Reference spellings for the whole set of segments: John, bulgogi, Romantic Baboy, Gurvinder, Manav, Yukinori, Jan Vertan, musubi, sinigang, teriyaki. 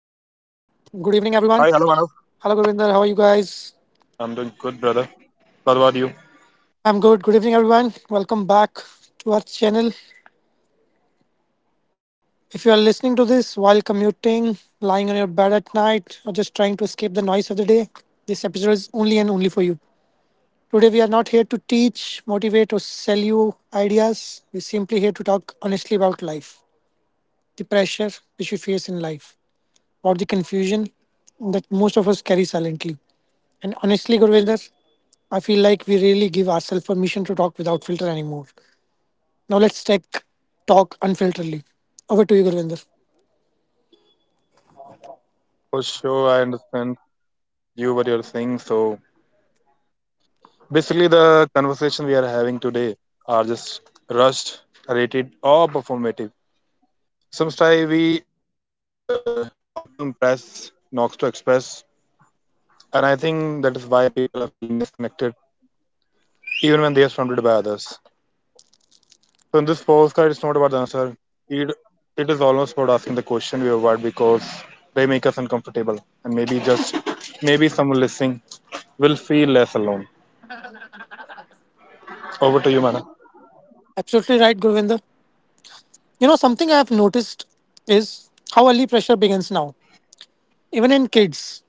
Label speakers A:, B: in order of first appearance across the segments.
A: Evening, everyone.
B: Hi, hello
A: Hello,
B: Manav.
A: Gurvinder. How are you guys?
B: I'm doing good, brother. What
A: I'm
B: about you?
A: good. Good evening, everyone. Welcome back to our channel. If you are listening to this while commuting, lying on your bed at night, or just trying to escape the noise of the day, this episode only and only for you. Today, we are not here to teach, motivate, or sell you ideas. We're simply here to talk honestly about life, the pressure which we face in life, about the confusion that most of us carry silently. And honestly, Gurvinder, I feel like we really give ourselves permission to talk without filter anymore. Now let's take talk unfilteredly. Over to you, Gurvinder.
B: For sure, I understand you what you're saying. So basically, the conversation we are having today are just rushed, rated, or performative. Sometimes we talk to impress, not to express, and I think that is why people are feeling disconnected, even when they are surrounded by others. So in this postcard, it's not about the answer. It it is almost about asking the question we avoid because they make us uncomfortable, and maybe just maybe someone listening will feel less alone. Over to you, Mana.
A: Absolutely right, Gurvinder. You know, something I have noticed is how early pressure begins now. Even in kids,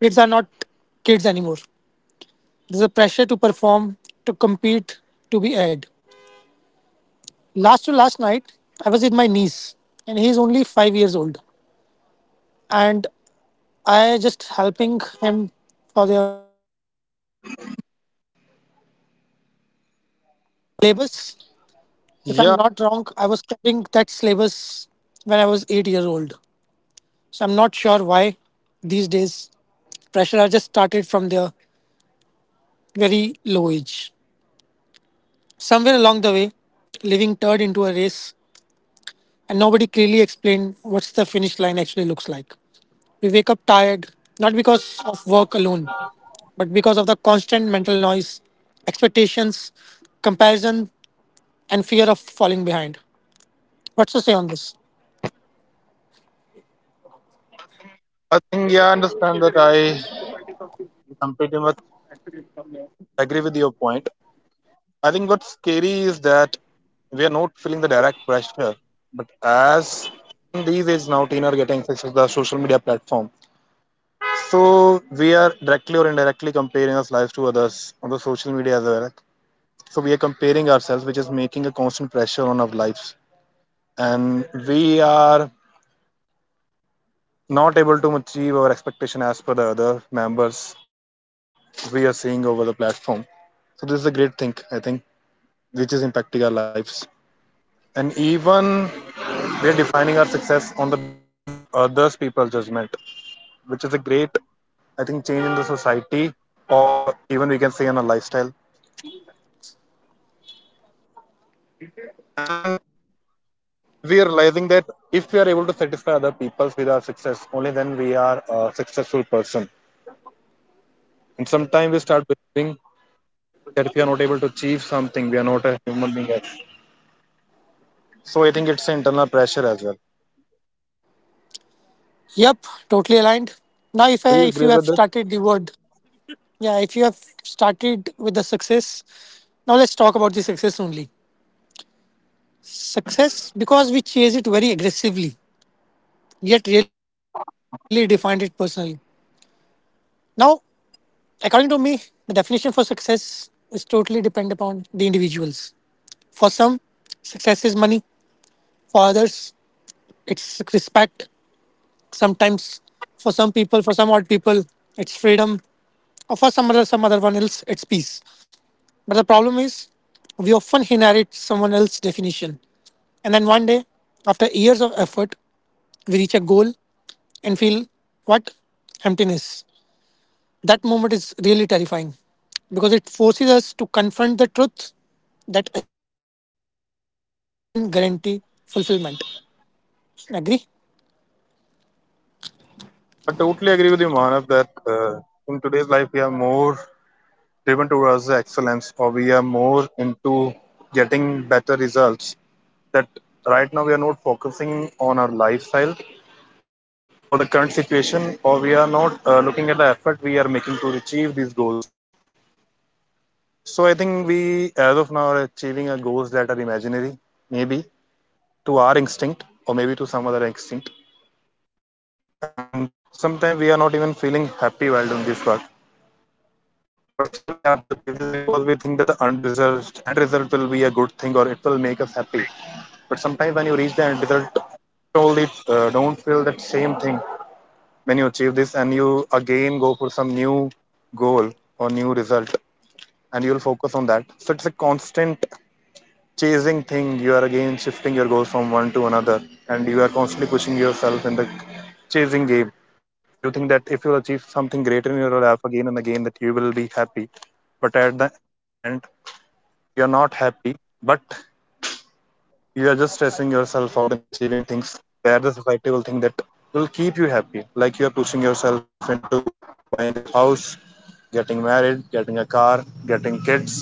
A: kids are not kids anymore. There's a pressure to perform, to compete, to be ahead. Last to last night, I was with my niece, and he's only 5 years old. And I just helping him for the. Syllabus. If I'm not
B: Yeah,
A: wrong, I was studying that syllabus when I was 8 years old. So I'm not sure why these days pressure are just started from their very low age. Somewhere along the way, living turned into a race, and nobody clearly explained what's the finish line actually looks like. We wake up tired, not because of work alone, but because of the constant mental noise, expectations, comparison, and fear of falling behind. What's to say on this?
B: I think yeah, I understand that. I am pretty much agree with your point. I think what's scary is that we are not feeling the direct pressure, but as in these age now, teen are getting access to the social media platform, so we are directly or indirectly comparing our lives to others on the social media as well. So we are comparing ourselves, which is making a constant pressure on our lives, and we are not able to achieve our expectation as per the other members we are seeing over the platform. So this is a great thing, I think, which is impacting our lives. And even we are defining our success on the basis of others people's judgment, which is a great, I think, change in the society or even we can say in our lifestyle. And we are realizing that if we are able to satisfy other people with our success, only then we are a successful person. And sometimes we start believing that if we are not able to achieve something, we are not a human being at. So I think it's internal pressure as well.
A: Yep, totally aligned. Now,
B: Do you
A: if you
B: agree
A: have
B: with that?
A: started the word, yeah, if you have started with the success, now let's talk about the success only. Success, because we chase it very aggressively, yet really defined it personally. Now, according to me, the definition for success is totally depend upon the individuals. For some, success is money. For others, it's respect. Sometimes, for some people, for some odd people, it's freedom. Or for some other one else, it's peace. But the problem is, we often inherit someone else's definition. And then one day, after years of effort, we reach a goal and feel what? Emptiness. That moment is really terrifying because it forces us to confront the truth that achievement doesn't guarantee fulfillment. Agree?
B: I totally agree with you, Manav, that in today's life we are more driven towards excellence or we are more into getting better results. That right now we are not focusing on our lifestyle or the current situation, or we are not looking at the effort we are making to achieve these goals. So I think we, as of now, are achieving our goals that are imaginary, maybe to our instinct or maybe to some other instinct, and sometimes we are not even feeling happy while doing this work, but still we have to achieve this because we think that the end result will be a good thing or it will make us happy. But sometimes when you reach the end result, only don't feel that same thing. When you achieve this, and you again go for some new goal or new result, and you will focus on that, so it's a constant chasing thing. You are again shifting your goals from one to another, and you are constantly pushing yourself in the chasing game, and you think that if you achieve something greater in your life again and again, that you will be happy, but at the end you are not happy. But you are just stressing yourself out and achieving things where the society will think that will keep you happy, like you are pushing yourself into buying a house, getting married, getting a car, getting kids.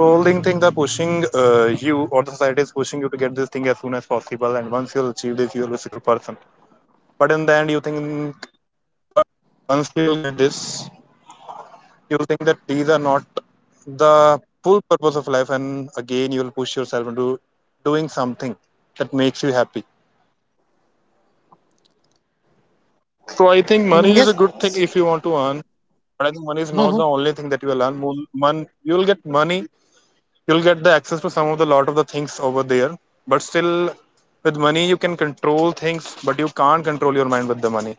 B: So only thing that pushing, you, or the society is pushing you to get this thing as soon as possible, and once you'll achieve this, you will be a successful person. But in the end, you think, but once you will get this, you'll think that these are not the full purpose of life, and again you'll push yourself into doing something that makes you happy. So I think
A: Yes.
B: money is a good thing if you want to earn, but
A: Hmm.
B: I think money is not the only thing that you will earn. You'll get money, you'll get the access to some of the lot of the things over there, but still with money you can control things, but you can't control your mind with the money.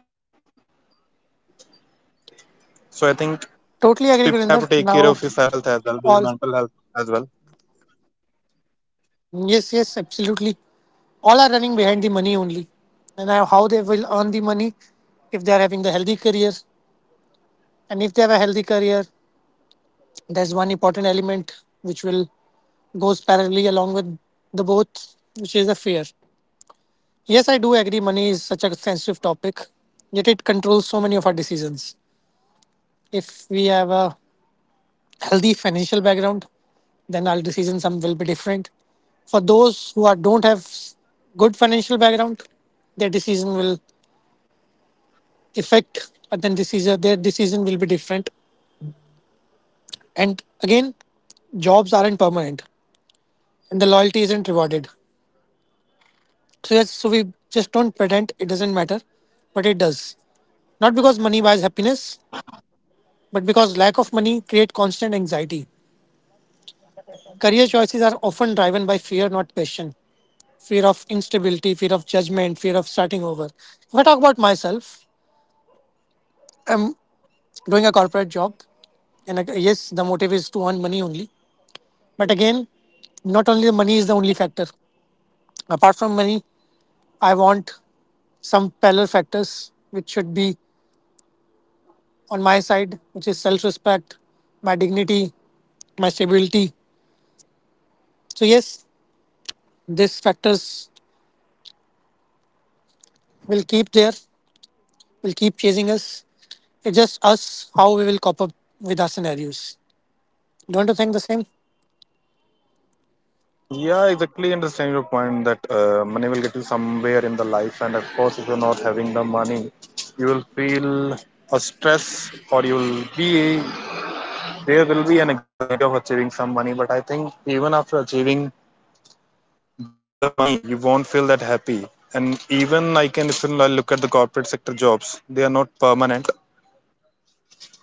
B: So I think
A: Totally agree,
B: people
A: Gurinder.
B: have to take care
A: Now,
B: of your self health as well,
A: all.
B: your mental health as well.
A: Yes, yes, absolutely. All are running behind the money only. And now, how they will earn the money if they are having the healthy career. And if they have a healthy career, there's one important element which will goes parallelly along with the both, which is a fear. Yes, I do agree money is such a sensitive topic, yet it controls so many of our decisions. If we have a healthy financial background, then our decisions some will be different. For those who are, don't have good financial background, their decision will affect and then decision their decision will be different. And again, jobs aren't permanent and the loyalty isn't rewarded. So yes, so we just don't pretend it doesn't matter, but it does. Not because money buys happiness, but because lack of money create constant anxiety. Career choices are often driven by fear, not passion. Fear of instability, fear of judgment, fear of starting over. If I talk about myself, I'm doing a corporate job, and I- yes, the motive is to earn money only. But again, not only the money is the only factor. Apart from money, I want some parallel factors which should be on my side, which is self respect, my dignity, my stability. So, yes, these factors will keep there, will keep chasing us. It's just us how we will cope up with our scenarios. Don't you think the same?
B: Yeah, exactly, understand your point that money will get you somewhere in the life, and of course if you're not having the money, you will feel a stress, or you will be, there will be an anxiety of achieving some money, but I think even after achieving the money, you won't feel that happy. And even I can, if you look at the corporate sector jobs, they are not permanent,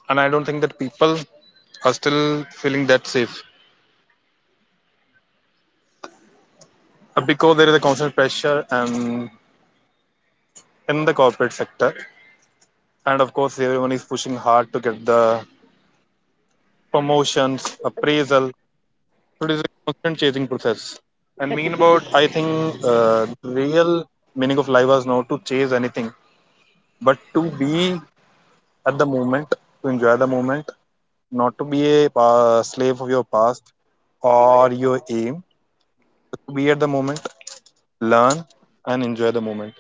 B: and I don't think that people are still feeling that safe. Because there is a constant pressure and in the corporate sector, and of course everyone is pushing hard to get the promotions, appraisal, so it is a constant chasing process. And mean about I think the real meaning of life was not to chase anything, but to be at the moment, to enjoy the moment, not to be a slave of your past or your aim, to be at the moment, learn and enjoy the moment,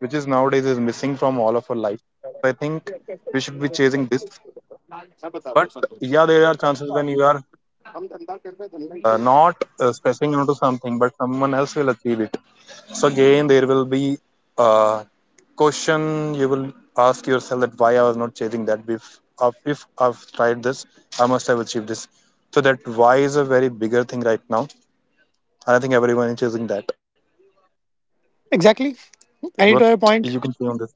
B: which is nowadays is missing from all of our life. So I think we should be chasing this. But yeah, there are chances when you are not stressing onto something, but someone else will achieve it. So again, there will be a question you will ask yourself, that why I was not chasing that. If I've tried this, I must have achieved this. So that why is a very bigger thing right now, and I think everyone is chasing that.
A: Exactly.
B: But
A: Adding to your
B: you
A: point,
B: can see on this?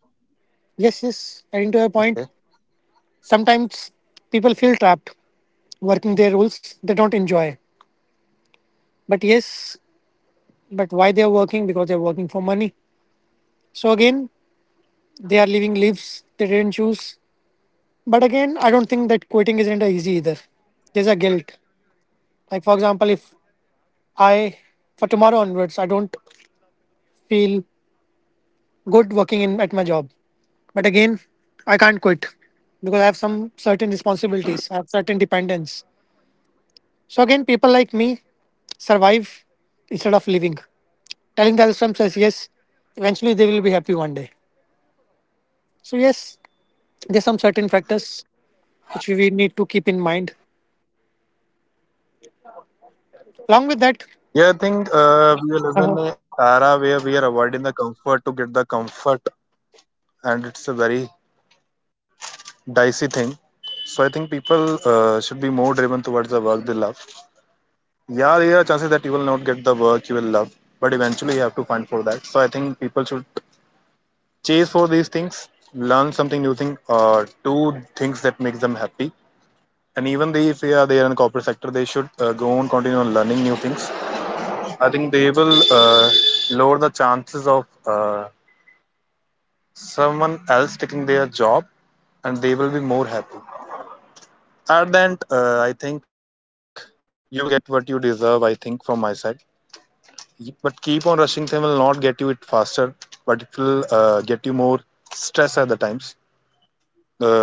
A: yes, yes, adding to your point,
B: Okay.
A: sometimes people feel trapped working their roles they don't enjoy. But yes, but why they are working? Because they are working for money. So again, they are living lives they didn't choose. But again, I don't think that quitting isn't easy either. There's a guilt. Like for example, if I for tomorrow onwards I don't feel good working in at my job. But again, I can't quit because I have some certain responsibilities. I have certain dependence. So again, people like me survive instead of living. Telling themselves as yes, eventually they will be happy one day. So yes, there's some certain factors which we need to keep in mind. Along with that,
B: Yeah, I think we live in an era where we are avoiding the comfort to get the comfort, and it's a very dicey thing. So I think people should be more driven towards the work they love. Yeah, there are chances that you will not get the work you will love, but eventually you have to find for that. So I think people should chase for these things, learn something new thing, or do things that makes them happy. And even they, if they are there in corporate sector, they should go on, continue on learning new things. I think they will lower the chances of someone else taking their job, and they will be more happy at the end. I think you will get what you deserve, I think from my side. But keep on rushing them will not get you it faster, but it will get you more stress at the times.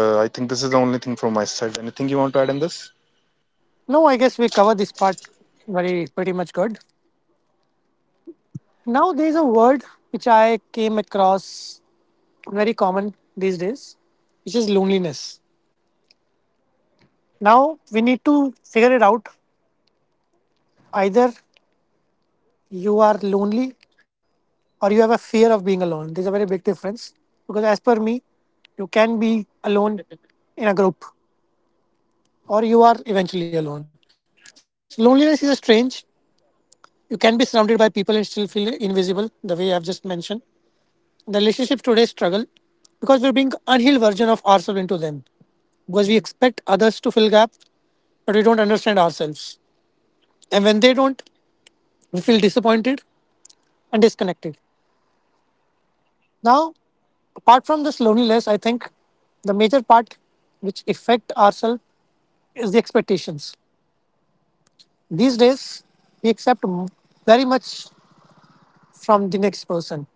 B: I think this is the only thing from my side. Anything you want to add in this?
A: no, I guess we covered this part very pretty much good. Now there's a word which I came across very common these days, which is loneliness. Now we need to figure it out. Either you are lonely or you have a fear of being alone. There's a very big difference because as per me, you can be alone in a group or you are eventually alone. So loneliness is a strange. You can be surrounded by people and still feel invisible, the way I've just mentioned. The relationship today struggle because we bring unhealed version of ourselves into them. Because we expect others to fill gap, but we don't understand ourselves. And when they don't, we feel disappointed and disconnected. Now, apart from this loneliness, I think the major part which affect ourselves is the expectations. These days, we accept m- very much from the next person,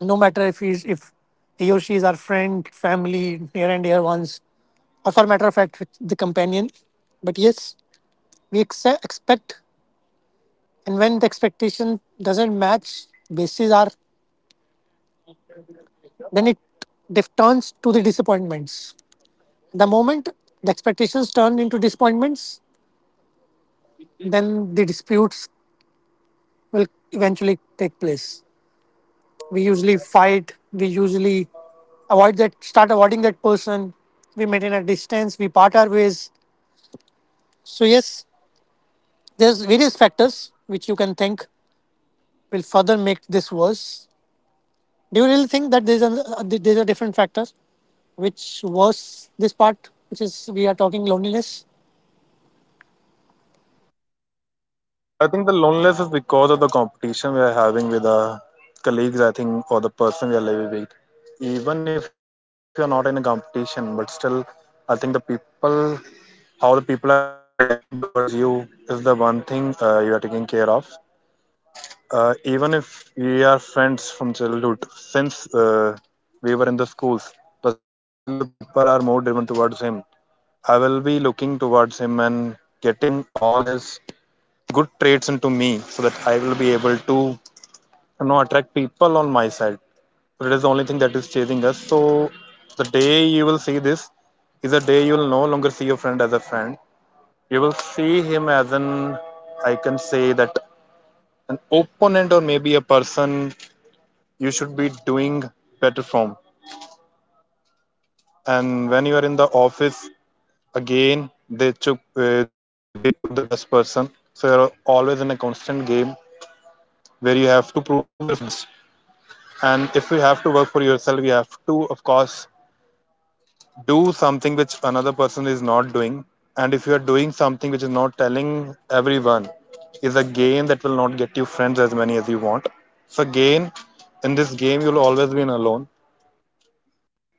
A: no matter if he or she is our friend, family, near and dear ones, or for matter of fact, with the companion. But yes, expect, and when the expectation doesn't match, bases are then it turns to the disappointments. The moment the expectations turn into disappointments, then the disputes will eventually take place. We usually fight. We usually avoid that, start avoiding that person. We maintain a distance. We part our ways. So yes, there's various factors which you can think will further make this worse. Do you really think that there's a different factor which was this part, which is we are talking loneliness?
B: I think the loneliness is because of the competition we are having with the colleagues, I think, or the person we are living with. Even if you're not in a competition, but still, I think the people, how the people are reacting towards you is the one thing you are taking care of. Even if we are friends from childhood, since we were in the schools, but still the people are more driven towards him. I will be looking towards him and getting all his good traits into me so that I will be able to, you know, attract people on my side. But it is the only thing that is chasing us. So the day you will see this is a day you will no longer see your friend as a friend. You will see him as an, I can say that, an opponent, or maybe a person you should be doing better from. And when you are in the office, again they took they pick up the best person. So you're always in a constant game where you have to prove yourself best. And if you have to work for yourself, you have to of course do something which another person is not doing. And if you are doing something which is not telling everyone, is a game that will not get you friends as many as you want. So again, in this game you'll always be alone.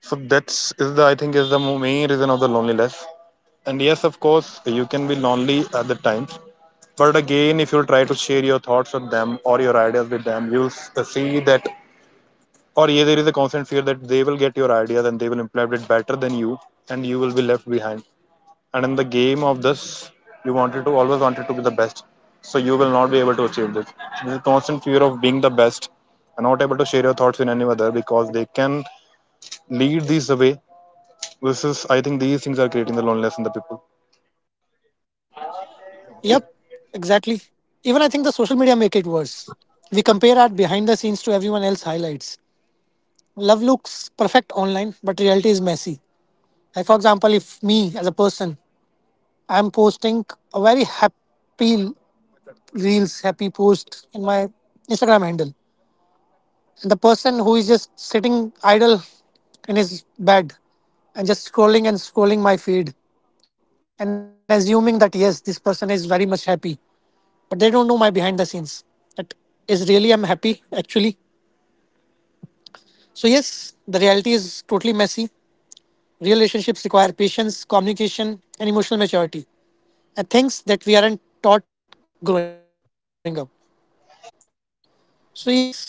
B: So that's is the, I think, is the main reason of the loneliness. And yes, of course, you can be lonely at the times. But again, if you try to share your thoughts with them or your ideas with them, you'll see that, or yeah, there is a constant fear that they will get your ideas and they will implement it better than you, and you will be left behind. And in the game of this, you wanted to always wanted to be the best, so you will not be able to achieve this. There's a constant fear of being the best, and not able to share your thoughts with any other because they can lead these away. This is, I think, these things are creating the loneliness in the people.
A: Yep, exactly. Even I think the social media make it worse. We compare our behind the scenes to everyone else highlights. Love looks perfect online, but reality is messy. Like for example, if me as a person, I'm posting a very happy reels, happy post in my Instagram handle, and the person who is just sitting idle in his bed and just scrolling and scrolling my feed and assuming that yes, this person is very much happy, but they don't know my behind the scenes, that is really I'm happy actually. So yes, the reality is totally messy. Real relationships require patience, communication, and emotional maturity, and things that we aren't taught growing up. So yes,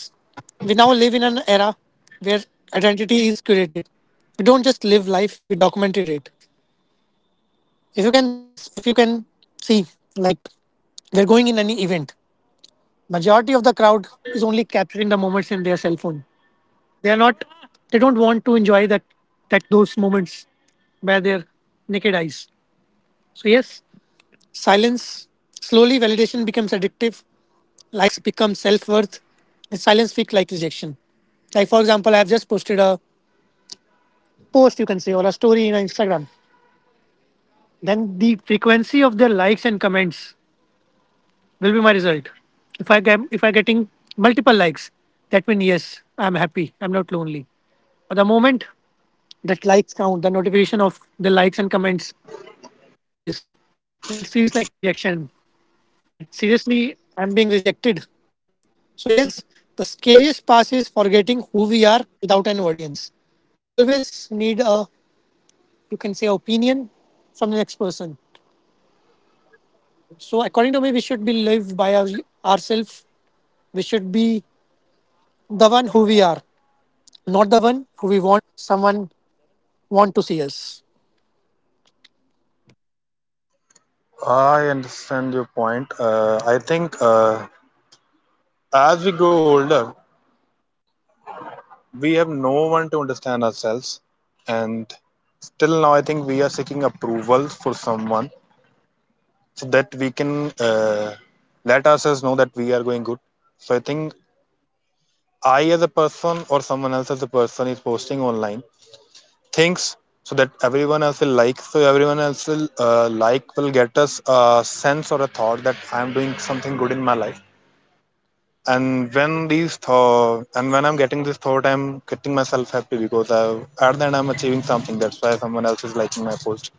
A: we now live in an era where identity is curated. We don't just live life, we documented it. If you can see, like, they're going in any event, majority of the crowd is only capturing the moments in their cell phone. They are not they don't want to enjoy that, those by their naked eyes. So yes, silence, slowly validation becomes addictive. Likes become self-worth, and silence feels like rejection. Like for example, I have just posted a post, you can say, or a story in Instagram, then the frequency of their likes and comments will be my result. If I getting multiple likes, that means yes, I'm happy. I'm not lonely. But the moment that likes count, the notification of the likes and comments reduces, then it feels like a rejection. That seriously, I'm being rejected. So yes, the scariest part is forgetting who we are without an audience. You always need a, you can say, opinion from the next person. So according to me, we should be live by our, ourselves. We should be the one who we are, not the one who we want someone want to see us.
B: I understand your point. I think as we grow older, we have no one to understand ourselves, and still now I think we are seeking approval for someone so that we can uh, let ourselves know that we are going good. So I think I, as a person, or someone else as a person is posting online things so that everyone else will like, so everyone else will will get us a sense or a thought that I am doing something good in my life. And when I'm getting this thought, I'm getting myself happy because I, at the end, I'm achieving something, that's why someone else is liking my post.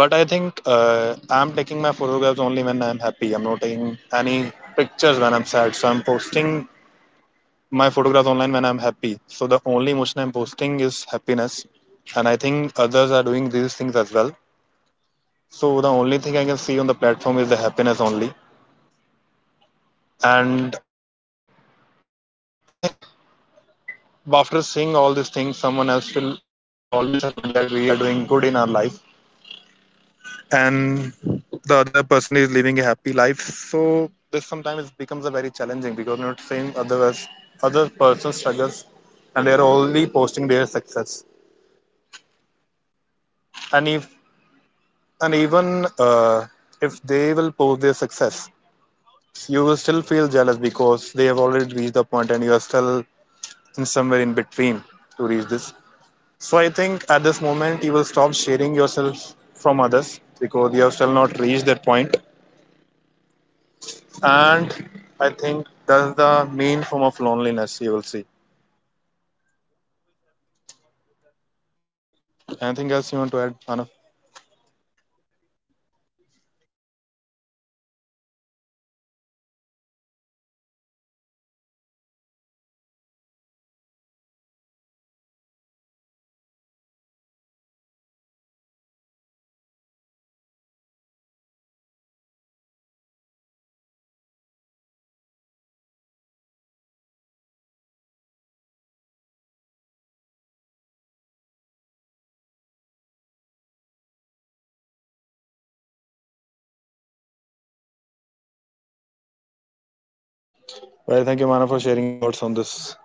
B: But I think I'm taking my photographs only when I'm happy, I'm not taking any pictures when I'm sad. So I'm posting my photographs online when I'm happy. So the only emotion I'm posting is happiness, and I think others are doing these things as well. So the only thing I can see on the platform is the happiness only. And I think after seeing all these things, someone else will always admit that we are doing good in our life, and the other person is living a happy life. So this sometimes becomes a very challenging, because not saying otherwise, other person struggles, and they are only posting their success. and if And even if they will post their success, you will still feel jealous because they have already reached the point and you are still in somewhere in between to reach this. So I think at this moment you will stop sharing yourself from others because you have still not reached that point. And I think that's the main form of loneliness you will see.
A: Yep, totally
B: Anything
A: aligned.
B: else you want to add, Manav?
A: And we should have some purpose in our life. Yeah, yeah, we should have some purpose in life. Like if I say purpose, purpose doesn't always arrive as a grand realization. Sometimes it's found in a small things, helping someone, creating something, learning to be kind to yourself. Life isn't meant to be figured out at all once. It unfolds. And this is for everyone, guys. If you are listening to this and you are feeling lost, that's totally okay. You're not behind. You're not broken. You are human and growth isn't linear. The fact you are questioning means you care. That itself is powerful. That's all my part, Govinder.
B: Well, thank you, Manav, for sharing your thoughts on this.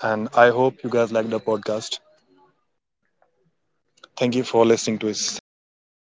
B: And I hope you guys liked the podcast. Thank you for listening to
A: Yes,
B: us. Thank you very
A: guys, and
B: much.